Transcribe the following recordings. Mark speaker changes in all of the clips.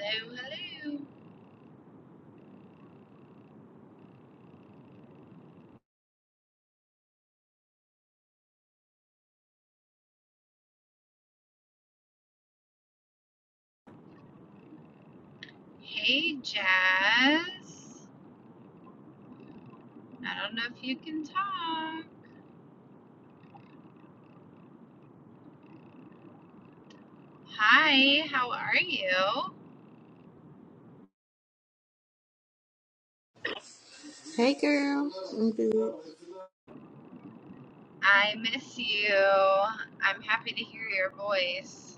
Speaker 1: Hello, hello. Hey, Jazz. I don't know if you can talk. Hi, how are you?
Speaker 2: Hey girl, I'm good.
Speaker 1: I miss you. I'm happy to hear your voice.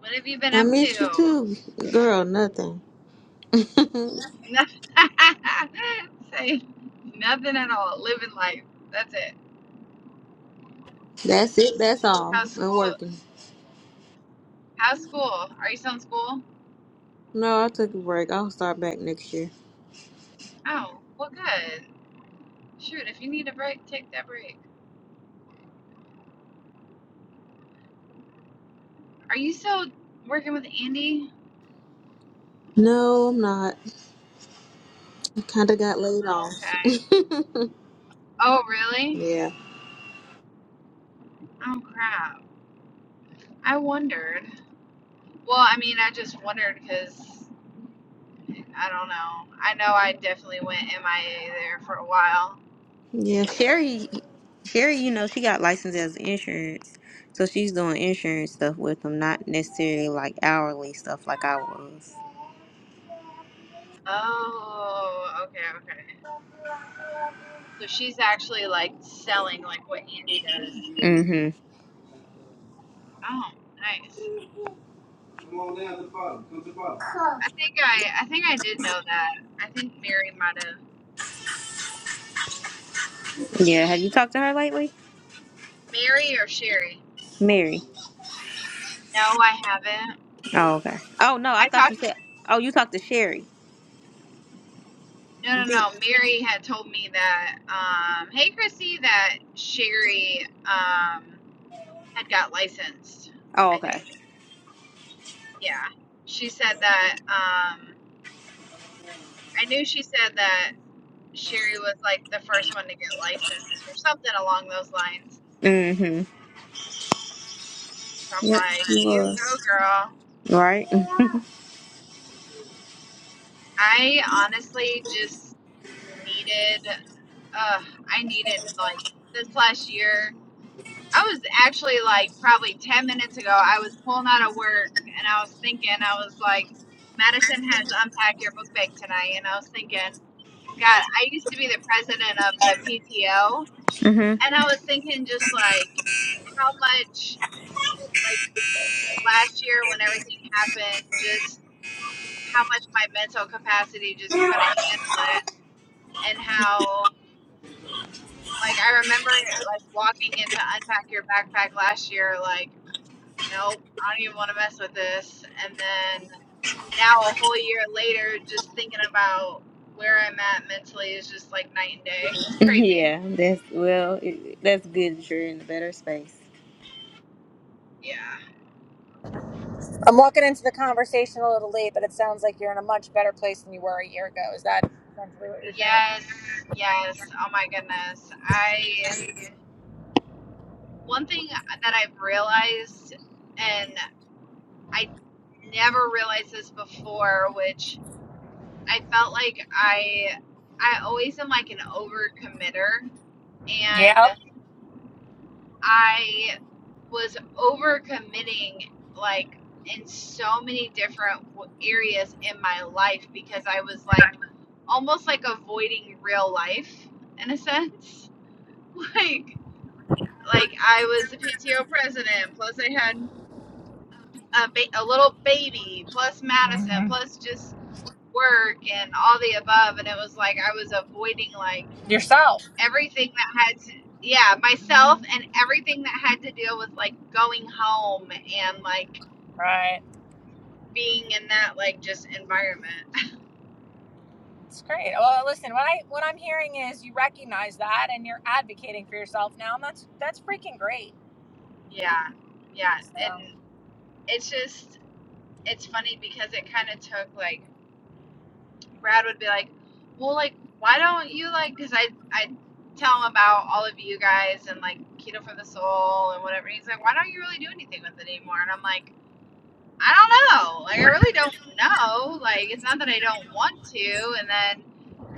Speaker 1: What have you been
Speaker 2: I
Speaker 1: up
Speaker 2: miss you
Speaker 1: to?
Speaker 2: too, girl. Nothing.
Speaker 1: Nothing. Say nothing at all. Living life. That's it.
Speaker 2: that's it. That's all.
Speaker 1: How's
Speaker 2: I'm
Speaker 1: school?
Speaker 2: working.
Speaker 1: How's school? Are you still in school?
Speaker 2: No, I took a break. I'll start back next year.
Speaker 1: Oh, well, good. Shoot, if you need a break, take that break. Are you still working with Andy?
Speaker 2: No, I'm not. Kind of got laid
Speaker 1: Oh,
Speaker 2: off.
Speaker 1: okay. Oh, really?
Speaker 2: yeah,
Speaker 1: Oh, crap. I wondered. Well, I mean, I just wondered because I don't know. I know I definitely went MIA there for a while.
Speaker 2: yeah. Sherry, Sherry, you know she got licensed as insurance, so she's doing insurance stuff with them, not necessarily like hourly stuff like I was.
Speaker 1: Oh, okay, okay. So she's actually like selling like what Andy does.
Speaker 2: Mhm.
Speaker 1: Oh, nice. I think I I think I did know that. I think Mary might have.
Speaker 2: Yeah. Have you talked to her lately,
Speaker 1: Mary or Sherry?
Speaker 2: Mary?
Speaker 1: No, I haven't.
Speaker 2: Oh, okay. Oh no, I
Speaker 1: I
Speaker 2: thought
Speaker 1: talked
Speaker 2: you said. Oh, you talked to Sherry.
Speaker 1: No, no,
Speaker 2: You think?
Speaker 1: no. Mary had told me that, um, hey, Christy, that Sherry um, had got licensed,
Speaker 2: Oh,
Speaker 1: I think.
Speaker 2: okay.
Speaker 1: Yeah. She said that, um, I knew she said that Sherry was like the first one to get licensed or something along those lines.
Speaker 2: Mhm.
Speaker 1: So I'm
Speaker 2: Yep,
Speaker 1: like,
Speaker 2: she
Speaker 1: you
Speaker 2: was.
Speaker 1: go, girl.
Speaker 2: Right.
Speaker 1: I honestly just needed, uh, I needed like this last year. I was actually like probably 10 minutes ago, I was pulling out of work and I was thinking, I was like, Madison has Unpack Your Book Bag tonight. And I was thinking, God, I used to be the president of the PTO.
Speaker 2: Mhm.
Speaker 1: And I was thinking just like how much, like last year when everything happened, just how much my mental capacity just couldn't handle it. And how, like, I remember like walking into Unpack Your Backpack last year, like, nope, I don't even want to mess with this. And then now, a whole year later, just thinking about where I'm at mentally is just like night and day. It's crazy.
Speaker 2: Yeah. That's well. It, that's good. that You're in a better space.
Speaker 1: Yeah.
Speaker 3: I'm walking into the conversation a little late, but it sounds like you're in a much better place than you were a year ago. Is that essentially what you're saying?
Speaker 1: Yes, yes. Oh my goodness. I, one thing that I've realized, and I never realized this before, which I felt like I, I always am like an overcommitter. And
Speaker 3: Yep.
Speaker 1: I was overcommitting like in so many different areas in my life because I was like almost like avoiding real life in a sense. Like like I was the PTO president, plus I had a, ba- a little baby, plus Madison,
Speaker 3: hmm
Speaker 1: plus just work and all the above and it was like I was avoiding like
Speaker 3: Yourself.
Speaker 1: everything that had to, yeah, myself
Speaker 3: hmm
Speaker 1: and everything that had to deal with like going home and like
Speaker 3: Right.
Speaker 1: being in that like just environment.
Speaker 3: It's great. Well, listen, what I what I'm hearing is you recognize that and you're advocating for yourself now, and that's that's freaking great.
Speaker 1: Yeah. Yeah. And
Speaker 3: So.
Speaker 1: it's just, it's funny because it kind of took like, Brad would be like, well, like, why don't you like, cause I, I tell him about all of you guys and like Keto for the Soul and whatever. And he's like, why don't you really do anything with it anymore? And I'm like, I don't know. Like I really don't know. Like it's not that I don't want to, and then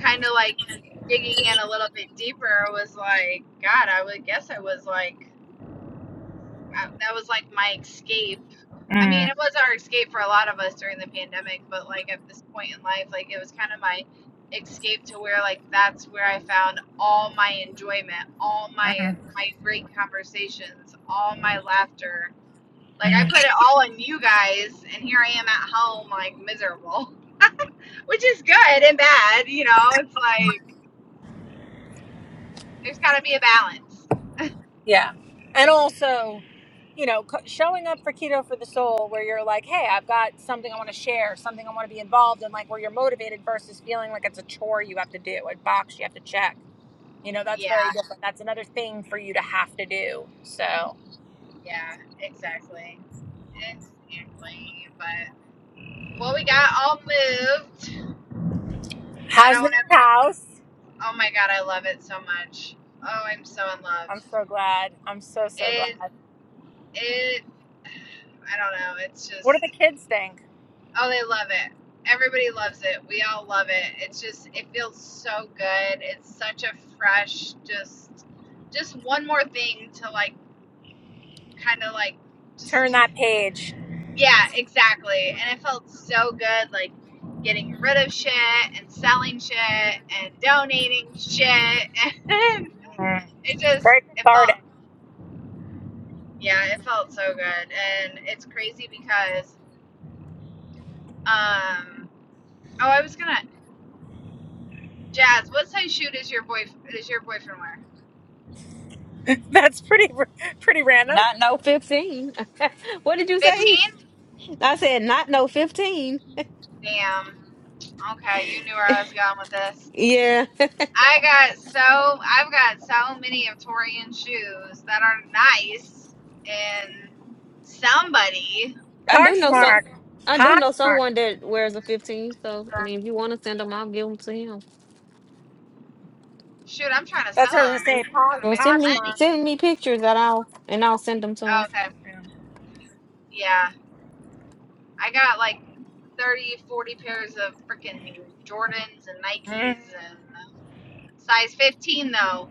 Speaker 1: kind of like digging in a little bit deeper was like, God, I would guess I was like, I, that was like my escape. I mean, it was our escape for a lot of us during the pandemic, but like at this point in life, like it was kind of my escape to where like that's where I found all my enjoyment, all my
Speaker 3: Mm-hmm.
Speaker 1: my great conversations, all my laughter like I put it all on you guys, and here I am at home, like miserable, which is good and bad. You know, it's like there's got to be a balance.
Speaker 3: Yeah. And also, you know, co- showing up for Keto for the Soul, where you're like, hey, I've got something I want to share, something I want to be involved in, like where you're motivated versus feeling like it's a chore you have to do, a box you have to check. You know, that's very
Speaker 1: Yeah,
Speaker 3: different. That's another thing for you to have to do. So,
Speaker 1: yeah, exactly, exactly. But well, we got all moved. I
Speaker 3: how's the
Speaker 1: don't
Speaker 3: new
Speaker 1: ever.
Speaker 3: house?
Speaker 1: Oh my god, I love it so much. Oh, I'm so in love.
Speaker 3: I'm so glad. I'm so, so glad.
Speaker 1: It, it. I don't know. It's
Speaker 3: What do
Speaker 1: just.
Speaker 3: the kids think?
Speaker 1: Oh, they love it. Everybody loves it. We all love it. It's just it feels so good. It's such a fresh just just one more thing to like kind of like just
Speaker 3: Turn that page.
Speaker 1: yeah, exactly. And it felt so good like getting rid of shit and selling shit and donating shit and
Speaker 3: Mm,
Speaker 1: it just
Speaker 3: very
Speaker 1: it
Speaker 3: cathartic.
Speaker 1: felt yeah, it felt so good. And it's crazy because um oh, I was going to Jazz, what size shoe does your boy does your boyfriend wear?
Speaker 3: That's pretty, pretty random.
Speaker 2: Not no 15. what did you
Speaker 1: 15?
Speaker 2: say? I said not no 15.
Speaker 1: Damn. Okay, you knew where I was going with this.
Speaker 2: Yeah.
Speaker 1: I got so I've got so many of Torian shoes that are nice, and somebody,
Speaker 2: I do know some
Speaker 3: Poshmark.
Speaker 2: I do know
Speaker 3: Poshmark.
Speaker 2: someone that wears a 15. So I mean if you want to send them, I'll give them to him.
Speaker 1: shoot, I'm trying to
Speaker 3: That's
Speaker 1: sell
Speaker 3: what I was
Speaker 1: them.
Speaker 3: gonna say.
Speaker 1: I'm trying to
Speaker 2: Well
Speaker 1: make some
Speaker 2: send
Speaker 3: Posh,
Speaker 2: me
Speaker 3: Poshmark.
Speaker 1: money.
Speaker 2: send me pictures that I'll and I'll send them to
Speaker 1: Oh,
Speaker 2: him.
Speaker 1: okay, yeah, I got like 30, 40 pairs of freaking Jordans and
Speaker 3: Mhm.
Speaker 1: Nikes and size 15 though.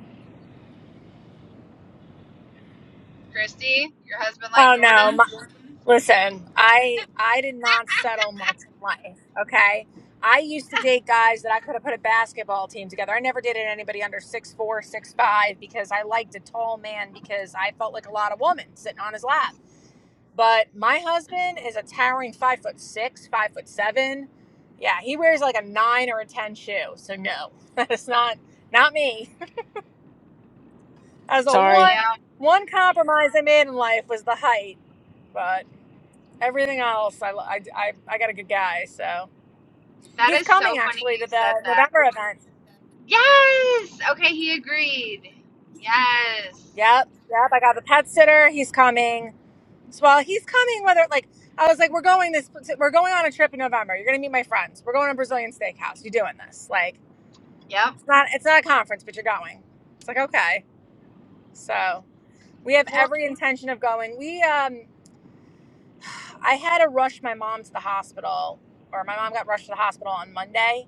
Speaker 1: Christy, your husband like
Speaker 3: Oh no! My,
Speaker 1: Jordans?
Speaker 3: listen, I I did not settle much in life. Okay, I used to date guys that I could have put a basketball team together. I never dated anybody under six four, six five because I liked a tall man because I felt like a lot of woman sitting on his lap. But my husband is a towering five foot six, five foot seven. Yeah, he wears like a nine or a ten shoe. So no, that's not not me. As a
Speaker 2: Sorry.
Speaker 3: one
Speaker 1: Yeah,
Speaker 3: one compromise I made in life was the height, but everything else I I I, I got a good guy. So
Speaker 1: that
Speaker 3: he's
Speaker 1: is
Speaker 3: coming
Speaker 1: so funny
Speaker 3: actually
Speaker 1: you
Speaker 3: to
Speaker 1: said
Speaker 3: the
Speaker 1: that.
Speaker 3: November event.
Speaker 1: Yes. Okay, he agreed. Yes.
Speaker 3: Yep, yep. I got the pet sitter. He's coming. So well, he's coming. Whether like I was like, we're going this. We're going on a trip in November. You're gonna meet my friends. We're going to a Brazilian steakhouse. You're doing this. Like
Speaker 1: Yep.
Speaker 3: it's not it's not a conference, but you're going. It's like okay. So we have
Speaker 1: Well,
Speaker 3: every intention of going. We um I had to rush my mom to the hospital, or my mom got rushed to the hospital on Monday,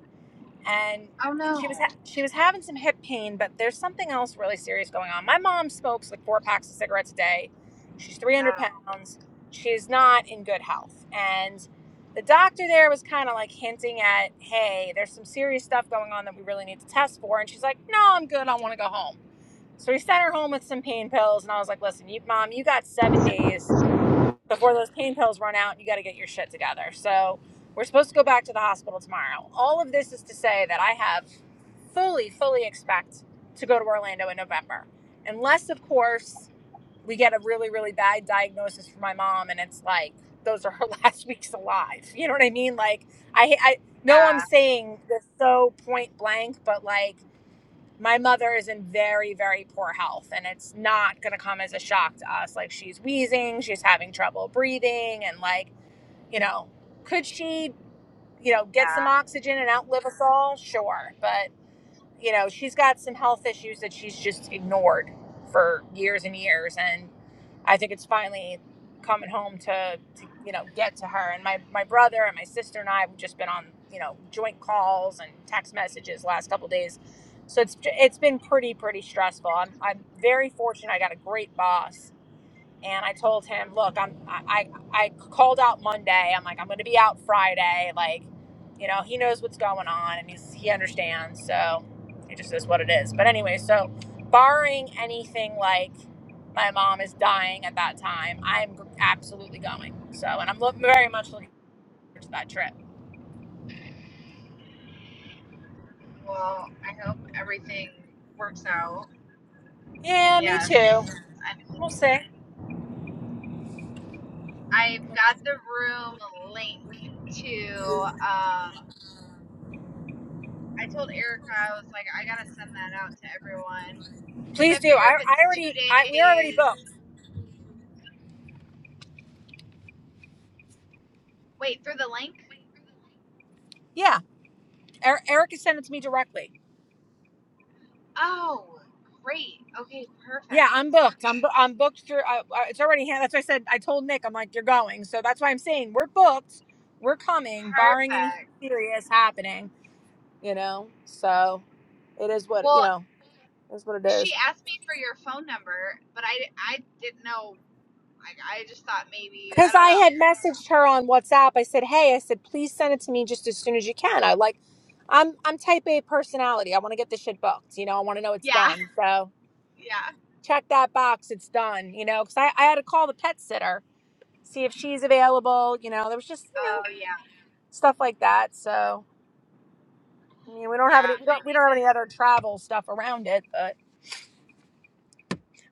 Speaker 3: and
Speaker 1: oh
Speaker 3: she was
Speaker 1: no.
Speaker 3: ha- she was having some hip pain, but there's something else really serious going on. My mom smokes like four packs of cigarettes a day. She's 300
Speaker 1: Oh,
Speaker 3: pounds. She's not in good health, and the doctor there was kind of like hinting at, "Hey, there's some serious stuff going on that we really need to test for." And she's like, "No, I'm good. I want to go home." So he sent her home with some pain pills, and I was like, "Listen, you mom, you got seven days before those pain pills run out and you got to get your shit together. So we're supposed to go back to the hospital tomorrow. All of this is to say that I have fully, fully expect to go to Orlando in November. Unless, of course, we get a really, really bad diagnosis for my mom and it's like, those are her last weeks alive. You know what I mean? Like, I, I know I'm
Speaker 1: yeah,
Speaker 3: saying this so point blank, but like, my mother is in very very poor health and it's not going to come as a shock to us like she's wheezing she's having trouble breathing and like you know could she you know get some
Speaker 1: yeah.
Speaker 3: oxygen and outlive us all sure but you know, she's got some health issues that she's just ignored for years and years. And I think it's finally coming home to, to you know, get to her. And my, my brother and my sister and I have just been on, you know, joint calls and text messages the last couple of days. So it's, it's been pretty, pretty stressful. I'm, I'm very fortunate. I got a great boss and I told him, look, I'm I I, I called out Monday. I'm like, I'm gonna be out Friday. Like, you know, he knows what's going on and he's he understands. So it just is what it is. But anyway, so barring anything like my mom is dying at that time, I'm absolutely going. So and I'm look, very much looking forward to that trip.
Speaker 1: Well, I hope everything works out. And
Speaker 3: Yeah, me too.
Speaker 1: yes, I,
Speaker 3: We'll see.
Speaker 1: I've got the room link to. Um, I told Erica I was like, I gotta send that out to everyone because
Speaker 3: Please
Speaker 1: I
Speaker 3: do.
Speaker 1: figure
Speaker 3: I,
Speaker 1: if it's
Speaker 3: I
Speaker 1: two
Speaker 3: already I we are already
Speaker 1: days,
Speaker 3: booked.
Speaker 1: wait through the link.
Speaker 3: Yeah, er- Erica sent it to me directly.
Speaker 1: Oh, great. Okay,
Speaker 3: Yeah,
Speaker 1: perfect,
Speaker 3: I'm booked. I'm bo- I'm booked through. I, I, it's already hand. That's why I said I told Nick. I'm like, you're going. So that's why I'm saying we're booked. We're coming, barring anything
Speaker 1: perfect.
Speaker 3: serious happening. You know. So it is what you
Speaker 1: Well,
Speaker 3: know. That's what it
Speaker 1: she
Speaker 3: is.
Speaker 1: asked me for your phone number, but I I didn't know. I I just thought maybe I
Speaker 3: Because
Speaker 1: don't
Speaker 3: I had
Speaker 1: know.
Speaker 3: messaged her on WhatsApp. I said, hey, I said, please send it to me just as soon as you can. I like, I'm I'm type A personality. I want to get this shit booked. You know, I want to know it's
Speaker 1: Yeah,
Speaker 3: done. So
Speaker 1: yeah.
Speaker 3: check that box. It's done. You know, because I I had to call the pet sitter see if she's available. You know, there was just you know.
Speaker 1: Oh yeah,
Speaker 3: stuff like that. So I mean, we don't
Speaker 1: yeah.
Speaker 3: have any we
Speaker 1: I
Speaker 3: don't, we
Speaker 1: need
Speaker 3: don't have any
Speaker 1: to.
Speaker 3: other travel stuff around it, but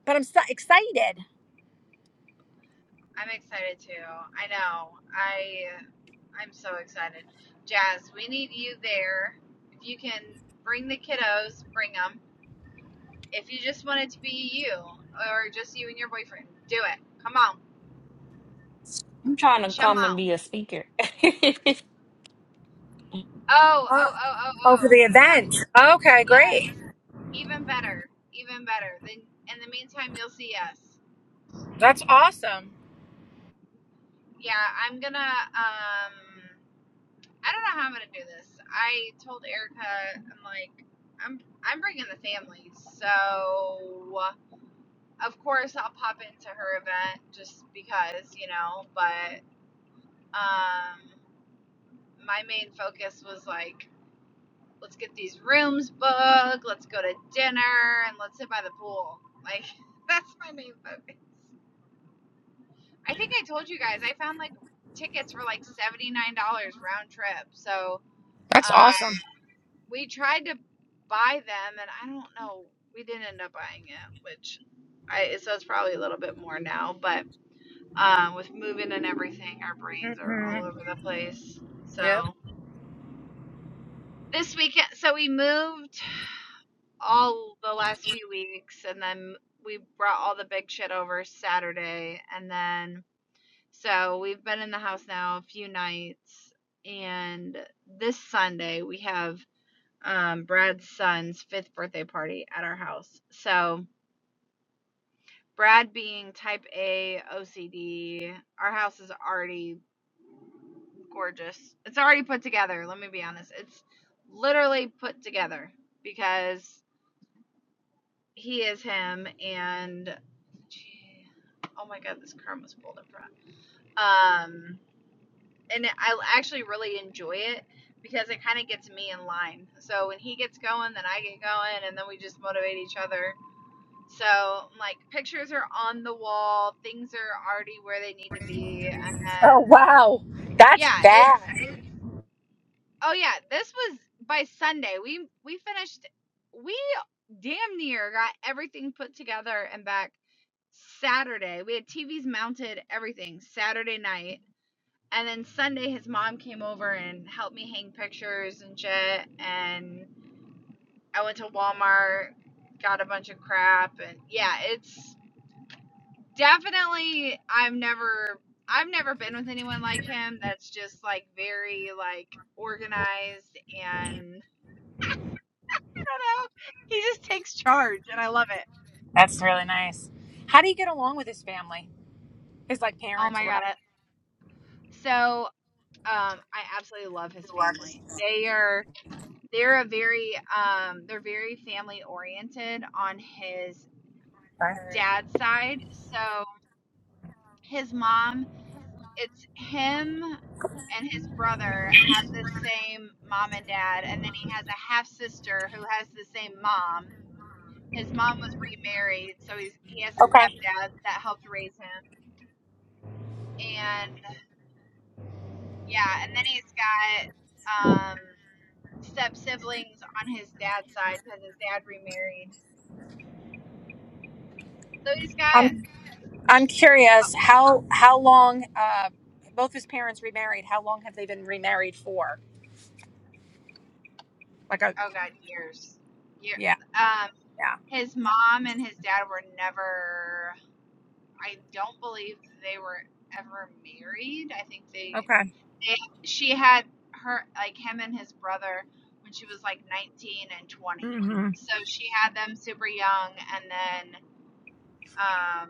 Speaker 3: but I'm so excited.
Speaker 1: I'm excited too. I know. I I'm so excited. Jazz, we need you there. If you can bring the kiddos, bring them. If you just want it to be you or just you and your boyfriend, do it. Come on,
Speaker 2: trying to
Speaker 1: come
Speaker 2: come and
Speaker 1: on.
Speaker 2: be a speaker.
Speaker 1: Oh
Speaker 3: Uh,
Speaker 1: oh oh oh
Speaker 3: oh, for
Speaker 1: oh.
Speaker 3: the
Speaker 1: Yeah,
Speaker 3: event. Okay,
Speaker 1: Yes.
Speaker 3: great.
Speaker 1: Even better. Even better. Then in the meantime you'll see us.
Speaker 3: That's awesome.
Speaker 1: Yeah, I'm gonna um I don't know how I'm gonna do this. I told Erica I'm like I'm I'm bringing the family. So of course I'll pop into her event just because, you know, but um my main focus was like let's get these rooms booked, let's go to dinner and let's sit by the pool. Like that's my main focus. I think I told you guys I found like tickets for like seventy nine dollars round trip. So
Speaker 3: That's
Speaker 1: um,
Speaker 3: awesome.
Speaker 1: we tried to buy them, and I don't know, we didn't end up buying it, which I so it's probably a little bit more now. But um, with moving and everything, our brains are
Speaker 3: hmm
Speaker 1: all over the place.
Speaker 3: Yep.
Speaker 1: So this weekend, so we moved all the last few weeks, and then we brought all the big shit over Saturday, and then So we've been in the house now a few nights, and this Sunday we have um, Brad's son's fifth birthday party at our house. So Brad, being type A OCD, our house is already gorgeous. It's already put together. Let me be honest. It's literally put together because he is him, and gee, oh my god, this chrome was pulled up front. Um, and I actually really enjoy it because it kind of gets me in line. So when he gets going, then I get going, and then we just motivate each other. So like pictures are on the wall, things are already where they need to be, and
Speaker 3: Oh
Speaker 1: then
Speaker 3: wow, that's
Speaker 1: yeah, it's
Speaker 3: fast.
Speaker 1: oh yeah, this was by Sunday. We we finished. We damn near got everything put together and back Saturday. We had TVs mounted, everything Saturday night And then Sunday, his mom came over and helped me hang pictures and shit. And I went to Walmart, got a bunch of crap, and yeah, it's definitely. I've never, I've never been with anyone like him. That's just like very like organized and I don't know. He just takes charge, and I love it.
Speaker 3: That's really nice. How do you get along with his family? His like
Speaker 1: Oh
Speaker 3: parents
Speaker 1: my
Speaker 3: or
Speaker 1: god!
Speaker 3: whatever.
Speaker 1: So um, I absolutely love his family. They are they're a very um they're very family oriented on his
Speaker 3: Right.
Speaker 1: dad's side so his mom it's him and his brother have the same mom and dad and then he has a half sister who has the same mom his mom was remarried so he's he has a
Speaker 3: Okay,
Speaker 1: stepdad that helped raise him and yeah and then he's got um step siblings on his dad's side because his dad remarried so he's got
Speaker 3: I'm I'm curious how how long uh both his parents remarried. How long have they been remarried for? Like a
Speaker 1: Oh God, years. Year.
Speaker 3: yeah
Speaker 1: Um,
Speaker 3: yeah.
Speaker 1: his mom and his dad were never. I don't believe they were ever married. I think they.
Speaker 3: Okay.
Speaker 1: they she had her like him and his brother when she was like 19 and 20.
Speaker 3: hmm
Speaker 1: So she had them super young, and then um.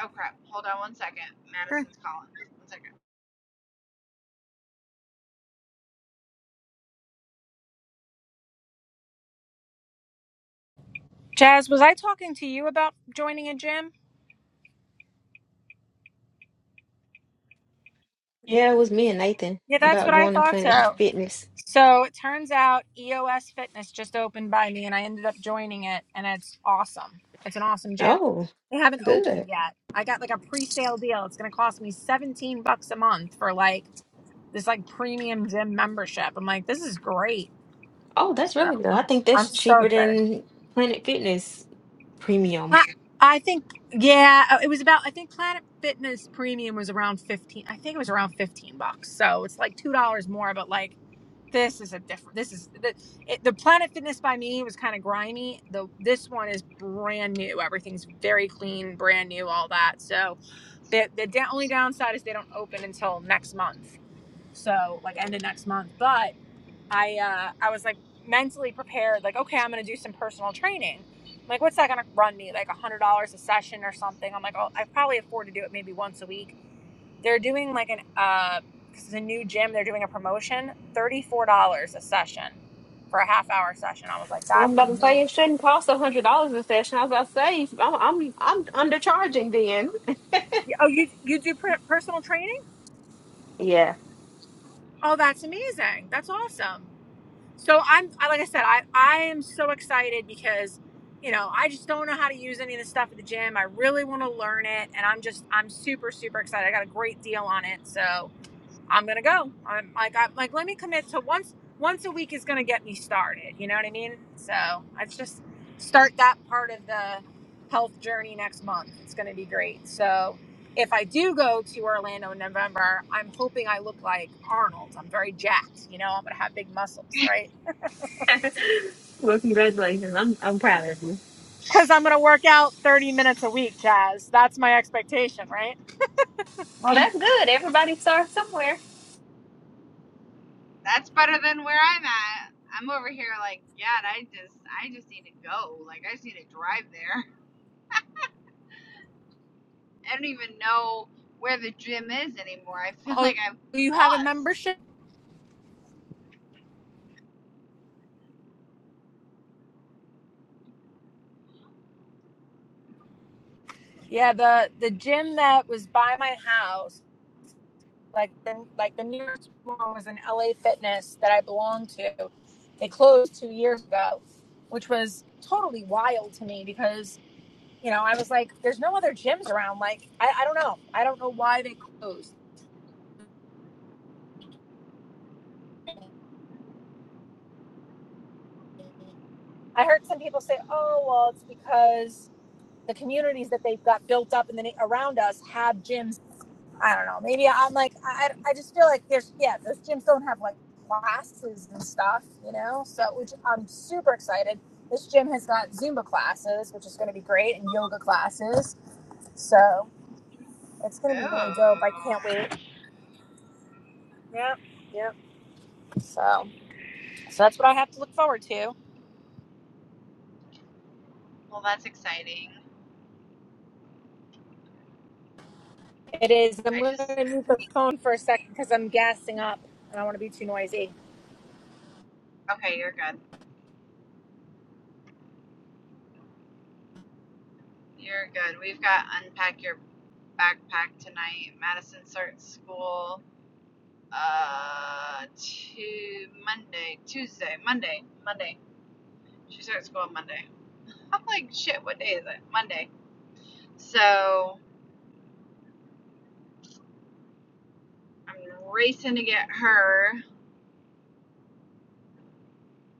Speaker 1: Oh crap! Hold on one second. Madison's calling. One second.
Speaker 3: Jazz, was I talking to you about joining a gym?
Speaker 2: Yeah, it was me and Nathan
Speaker 3: Yeah, that's
Speaker 2: about
Speaker 3: what I
Speaker 2: joining
Speaker 3: thought
Speaker 2: Planet
Speaker 3: so.
Speaker 2: Fitness.
Speaker 3: So it turns out EOS Fitness just opened by me and I ended up joining it and it's awesome. It's an awesome gym.
Speaker 2: Oh,
Speaker 3: They haven't opened
Speaker 2: good.
Speaker 3: yet. I got like a pre-sale deal. It's going to cost me 17 bucks a month for like this like premium gym membership. I'm like, this is great.
Speaker 2: Oh, that's
Speaker 3: So
Speaker 2: really good. I
Speaker 3: I'm
Speaker 2: think
Speaker 3: I'm
Speaker 2: that's
Speaker 3: so
Speaker 2: cheaper
Speaker 3: excited.
Speaker 2: than Planet Fitness Premium.
Speaker 3: I I think yeah, uh, it was about I think Planet Fitness Premium was around 15. I think it was around 15 bucks. So it's like $2 more but like this is a different this is the it, the Planet Fitness by me was kind of grimy. The this one is brand new. Everything's very clean, brand new, all that. So the the da- only downside is they don't open until next month. So like end of next month, but I uh, I was like mentally prepared, like, okay, I'm gonna do some personal training. I'm like, what's that gonna run me? Like a hundred dollars a session or something. I'm like, oh, I probably afford to do it maybe once a week. They're doing like an uh, because it's a new gym. They're doing a promotion, thirty four dollars a session for a half hour session. I was like, that's
Speaker 2: I'm about to say
Speaker 3: amazing.
Speaker 2: it shouldn't cost a hundred dollars a session. I was about to say I'm I'm I'm undercharging then.
Speaker 3: Yeah, Oh, you you do per- personal training?
Speaker 2: Yeah.
Speaker 3: Oh, that's amazing. That's awesome. So I'm I- like I said, I I am so excited because you know I just don't know how to use any of the stuff at the gym. I really want to learn it, and I'm just I'm super super excited. I got a great deal on it, so I'm gonna go. I'm like I am like let me commit to once once a week is gonna get me started. You know what I mean? So let's just start that part of the health journey next month. It's gonna be great. So. If I do go to Orlando in November, I'm hoping I look like Arnold. I'm very jacked, you know, I'm gonna have big muscles, right?
Speaker 2: well, congratulations. I'm I'm proud of you.
Speaker 3: Because I'm going to work out 30 minutes a week, Jazz. That's my expectation, right?
Speaker 2: Well, that's good. Everybody starts somewhere.
Speaker 1: That's better than where I'm at. I'm over here like, yeah, I just, I just need to go. Like, I just need to drive there. I don't even know where the gym is anymore. I feel
Speaker 3: Oh,
Speaker 1: like I'm,
Speaker 3: you have a
Speaker 1: lost.
Speaker 3: membership? Yeah, the the gym that was by my house, like the, like the nearest one was an LA Fitness that I belonged to. They closed two years ago, which was totally wild to me because you know I was like, there's no other gyms around. Like I, I don't know, I don't know why they closed. I heard some people say, oh well, it's because the communities that they've got built up and then around us have gyms. I don't know. Maybe I'm like I, I just feel like there's yeah those gyms don't have like classes and stuff, you know. So which I'm super excited. This gym has got Zumba classes, which is going to be great, and yoga classes. So it's going to be really dope. I can't
Speaker 1: Oh,
Speaker 3: wait. Yep. Yep. So, so that's what I have to look forward to.
Speaker 1: well, that's exciting.
Speaker 3: It is. I'm
Speaker 1: I
Speaker 3: going
Speaker 1: just,
Speaker 3: to mute the phone for a second because I'm gassing up. I don't want to be too noisy.
Speaker 1: okay, you're good. You're good. We've got unpack your backpack tonight. Madison starts school. Uh, to Monday, Tuesday, Monday, Monday. She starts school on Monday. I'm like, shit. What day is it? Monday. So I'm racing to get her.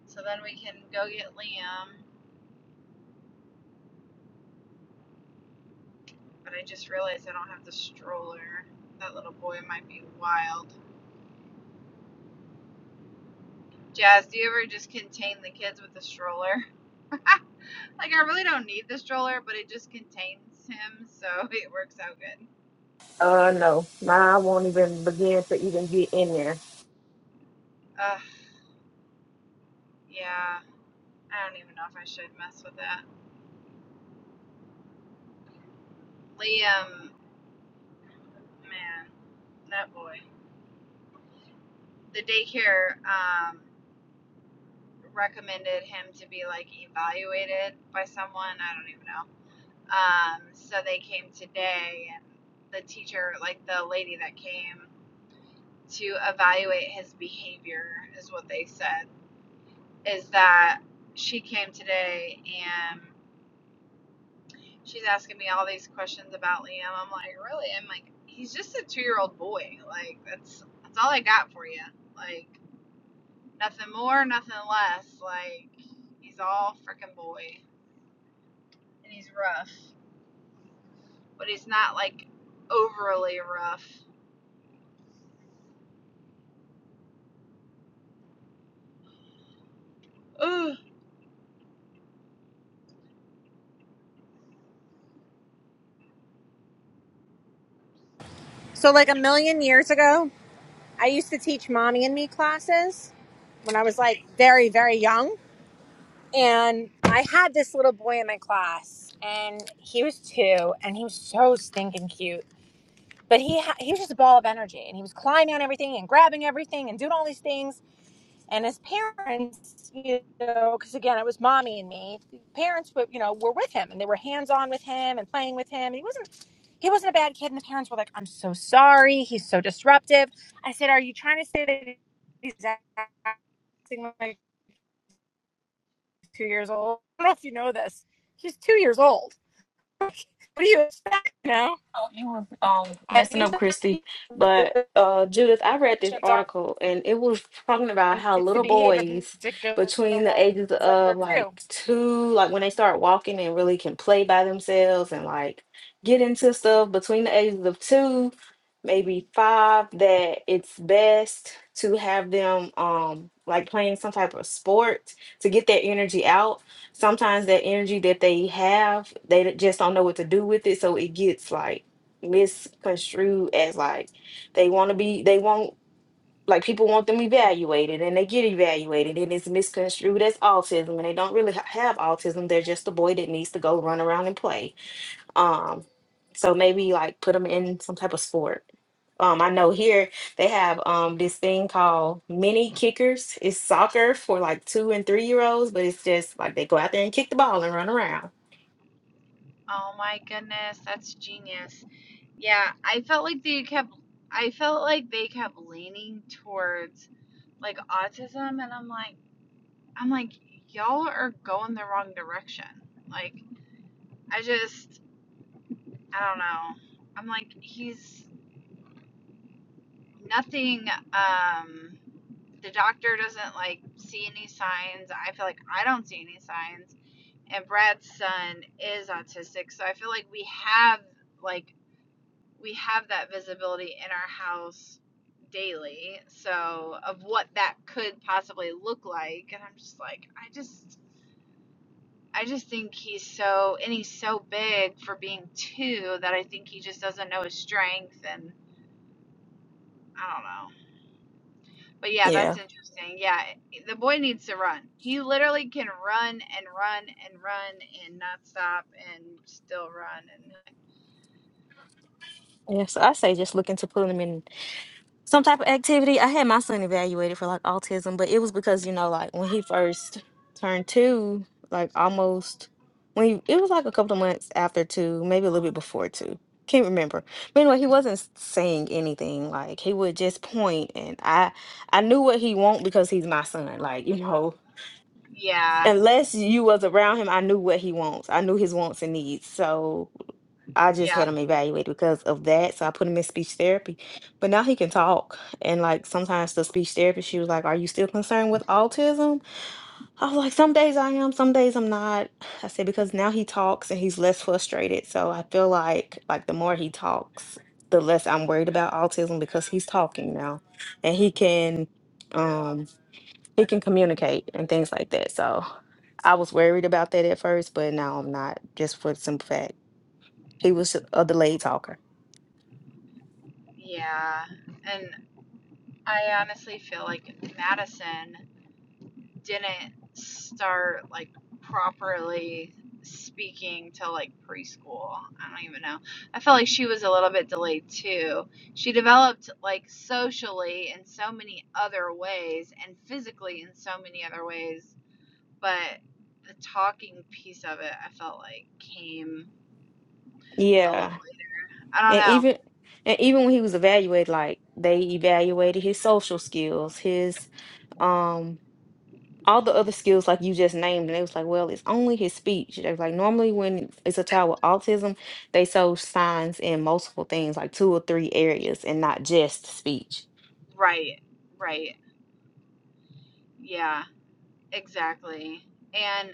Speaker 1: So then we can go get Liam But I just realized I don't have the stroller. That little boy might be wild. Jazz, do you ever just contain the kids with the stroller? Like, I really don't need the stroller, but it just contains him, so it works out good.
Speaker 2: Uh, no, nah, I won't even begin to even get in there.
Speaker 1: Ugh, yeah. I don't even know if I should mess with that. Liam, man, that boy. The daycare um, recommended him to be, like, evaluated by someone. I don't even know. Um, so they came today, and the teacher, like the lady that came, to evaluate his behavior, is what they said. Is that she came today and she's asking me all these questions about Liam. I'm like, really? I'm like, he's just a two year old boy. Like, that's that's all I got for you. Like, nothing more, nothing less. Like, he's all freaking boy, and he's rough, but he's not like overly rough. Ugh.
Speaker 3: So, like a million years ago, I used to teach mommy and me classes when I was like very, very young. And I had this little boy in my class, and he was two, and he was so stinking cute. But he ha- he was just a ball of energy, and he was climbing on everything and grabbing everything and doing all these things and as parents you know because again it was mommy and me parents were you know were with him and they were hands on with him and playing with him and he wasn't he wasn't a bad kid and the parents were like i'm so sorry he's so disruptive i said are you trying to say that he's acting like two years old i don't know if you know this he's two years old what do you expect you know
Speaker 2: Oh, you was um
Speaker 3: i
Speaker 2: messing
Speaker 3: think
Speaker 2: up,
Speaker 3: that
Speaker 2: Christy. But uh, Judith, I read this
Speaker 3: on
Speaker 2: article and it was talking about how
Speaker 3: it's the
Speaker 2: little
Speaker 3: behavior
Speaker 2: boys
Speaker 3: particular
Speaker 2: between the ages
Speaker 3: it's like they're
Speaker 2: of
Speaker 3: two
Speaker 2: like two, like when they start walking and really can play by themselves and like get into stuff between the ages of two, maybe five, that it's best to have them um like playing some type of sport to get that energy out sometimes that energy that they have, they just don't know what to do with it. So it gets like misconstrued as like they want to be they want like people want them evaluated and they get evaluated and it's misconstrued as autism and they don't really ha- have autism they're just a boy that needs to go run around and play um so maybe like put them in some type of sport um i know here they have um this thing called mini kickers it's soccer for like two and three year olds but it's just like they go out there and kick the ball and run around
Speaker 1: Oh my goodness, that's genius. Yeah, I felt like they kept I felt like they kept leaning towards like autism and I'm like I'm like y'all are going the wrong direction. Like I just I don't know. I'm like he's nothing um the doctor doesn't like see any signs. I feel like I don't see any signs and Brad's son is autistic, so I feel like we have like we have that visibility in our house daily. So of what that could possibly look like, and I'm just like, I just. I just think he's so, and he's so big for being two that I think he just doesn't know his strength, and I don't know. But yeah, that's
Speaker 2: yeah
Speaker 1: interesting. Yeah, the boy needs to run. He literally can run and run and run and not stop and still run. And
Speaker 2: yeah so i say just look into putting them in some type of activity. I had my son evaluated for like autism, but it was because you know, like when he first turned two, like almost when he, it was like a couple of months after two, maybe a little bit before two. Can't remember. But anyway, he wasn't s- saying anything. Like he would just point, and I I knew what he want because he's my son. Like you know,
Speaker 1: yeah,
Speaker 2: unless you was around him, I knew what he wants. I knew his wants and needs. So I just
Speaker 1: yeah,
Speaker 2: had him evaluated because of that. So I put him in speech therapy. But now he can talk. And like sometimes the speech therapist, she was like, Are you still concerned with autism? I was like, Some days I am, some days I'm not. I said, Because now he talks and he's less frustrated. So I feel like like the more he talks, the less I'm worried about autism because he's talking now. And he can um he can communicate and things like that. So I was worried about that at first, but now I'm not, just for the simple fact. He was a delayed talker.
Speaker 1: yeah. And I honestly feel like Madison didn't start like properly speaking till like preschool. I don't even know. I felt like she was a little bit delayed too. She developed like socially in so many other ways and physically in so many other ways, but the talking piece of it I felt like came a little
Speaker 2: Yeah.
Speaker 1: I don't
Speaker 2: And
Speaker 1: know.
Speaker 2: even and even when he was evaluated, like they evaluated his social skills, his um all the other skills like you just named, and it was like, well, it's only his speech. They was like normally when it's a child with autism, they show signs in multiple things, like two or three areas, and not just speech.
Speaker 1: Right. Right. Yeah. Exactly. And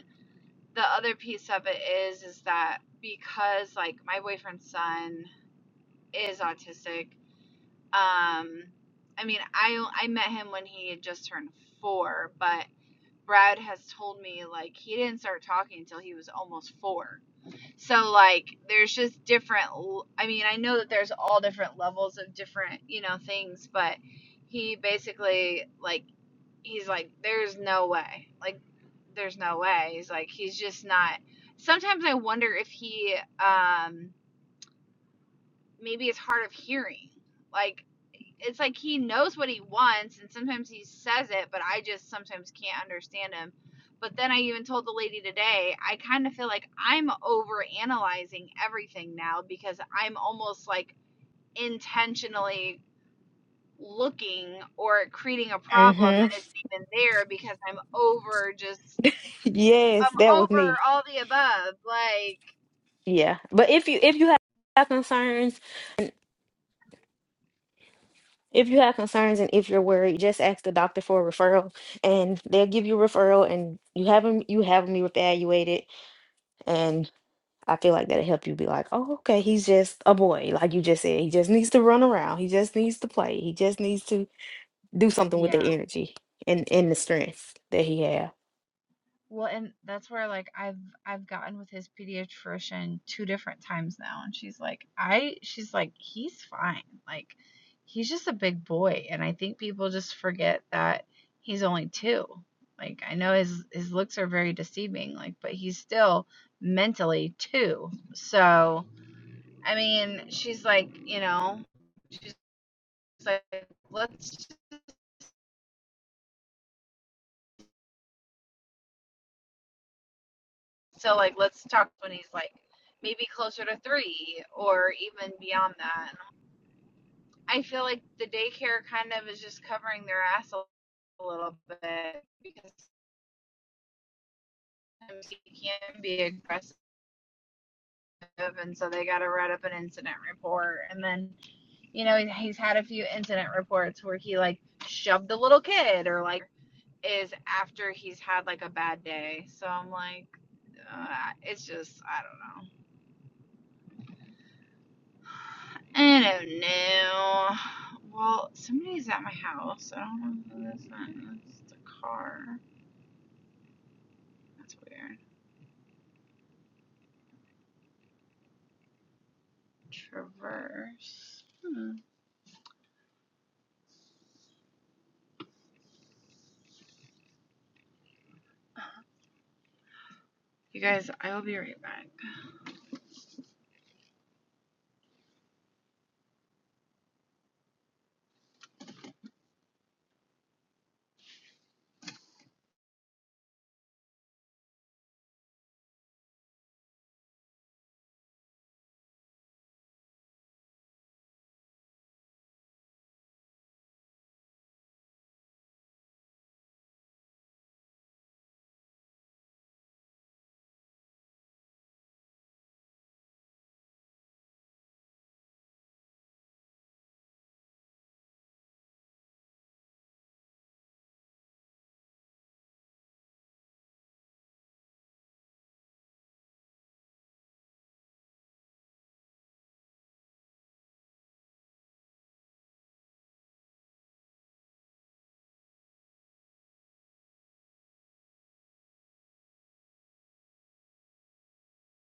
Speaker 1: the other piece of it is is that because like my boyfriend's son is autistic um i mean i i met him when he had just turned four but brad has told me like he didn't start talking until he was almost four so like there's just different I mean i know that there's all different levels of different you know things but he basically like he's like, there's no way. Like, there's no way. He's like, he's just not. Sometimes I wonder if he um, maybe is hard of hearing. Like, it's like he knows what he wants, and sometimes he says it, but I just sometimes can't understand him. But then I even told the lady today, I kind of feel like I'm over analyzing everything now because I'm almost like intentionally looking or creating a problem
Speaker 2: Mm-hmm.
Speaker 1: that isn't even there because I'm over just
Speaker 2: Yes, that
Speaker 1: I'm
Speaker 2: was
Speaker 1: over
Speaker 2: me.
Speaker 1: all the above. Like,
Speaker 2: Yeah. But if you if you have have concerns, if you have concerns and if you're worried, just ask the doctor for a referral and they'll give you a referral and you have them you have them evaluated and I feel like that'll help you be like, oh, okay, he's just a boy, like you just said. He just needs to run around. He just needs to play. He just needs to do something with
Speaker 1: Yeah.
Speaker 2: the energy and, and the strength that he has.
Speaker 1: Well, and that's where like I've I've gotten with his pediatrician two different times now and she's like I she's like he's fine. Like he's just a big boy and I think people just forget that he's only 2. Like I know his his looks are very deceiving like but he's still mentally 2. So, I mean, she's like, you know, she's like let's So like let's talk when he's like maybe closer to three or even beyond that. I feel like the daycare kind of is just covering their ass a little bit because sometimes he can be aggressive and so they gotta write up an incident report and then you know he's had a few incident reports where he like shoved a little kid or like is after he's had like a bad day so i'm like uh, it's just i don't know I don't know. Well, somebody's at my house. I don't know who this is. It's a car. That's weird. Traverse. Hmm. You guys, I will be right back.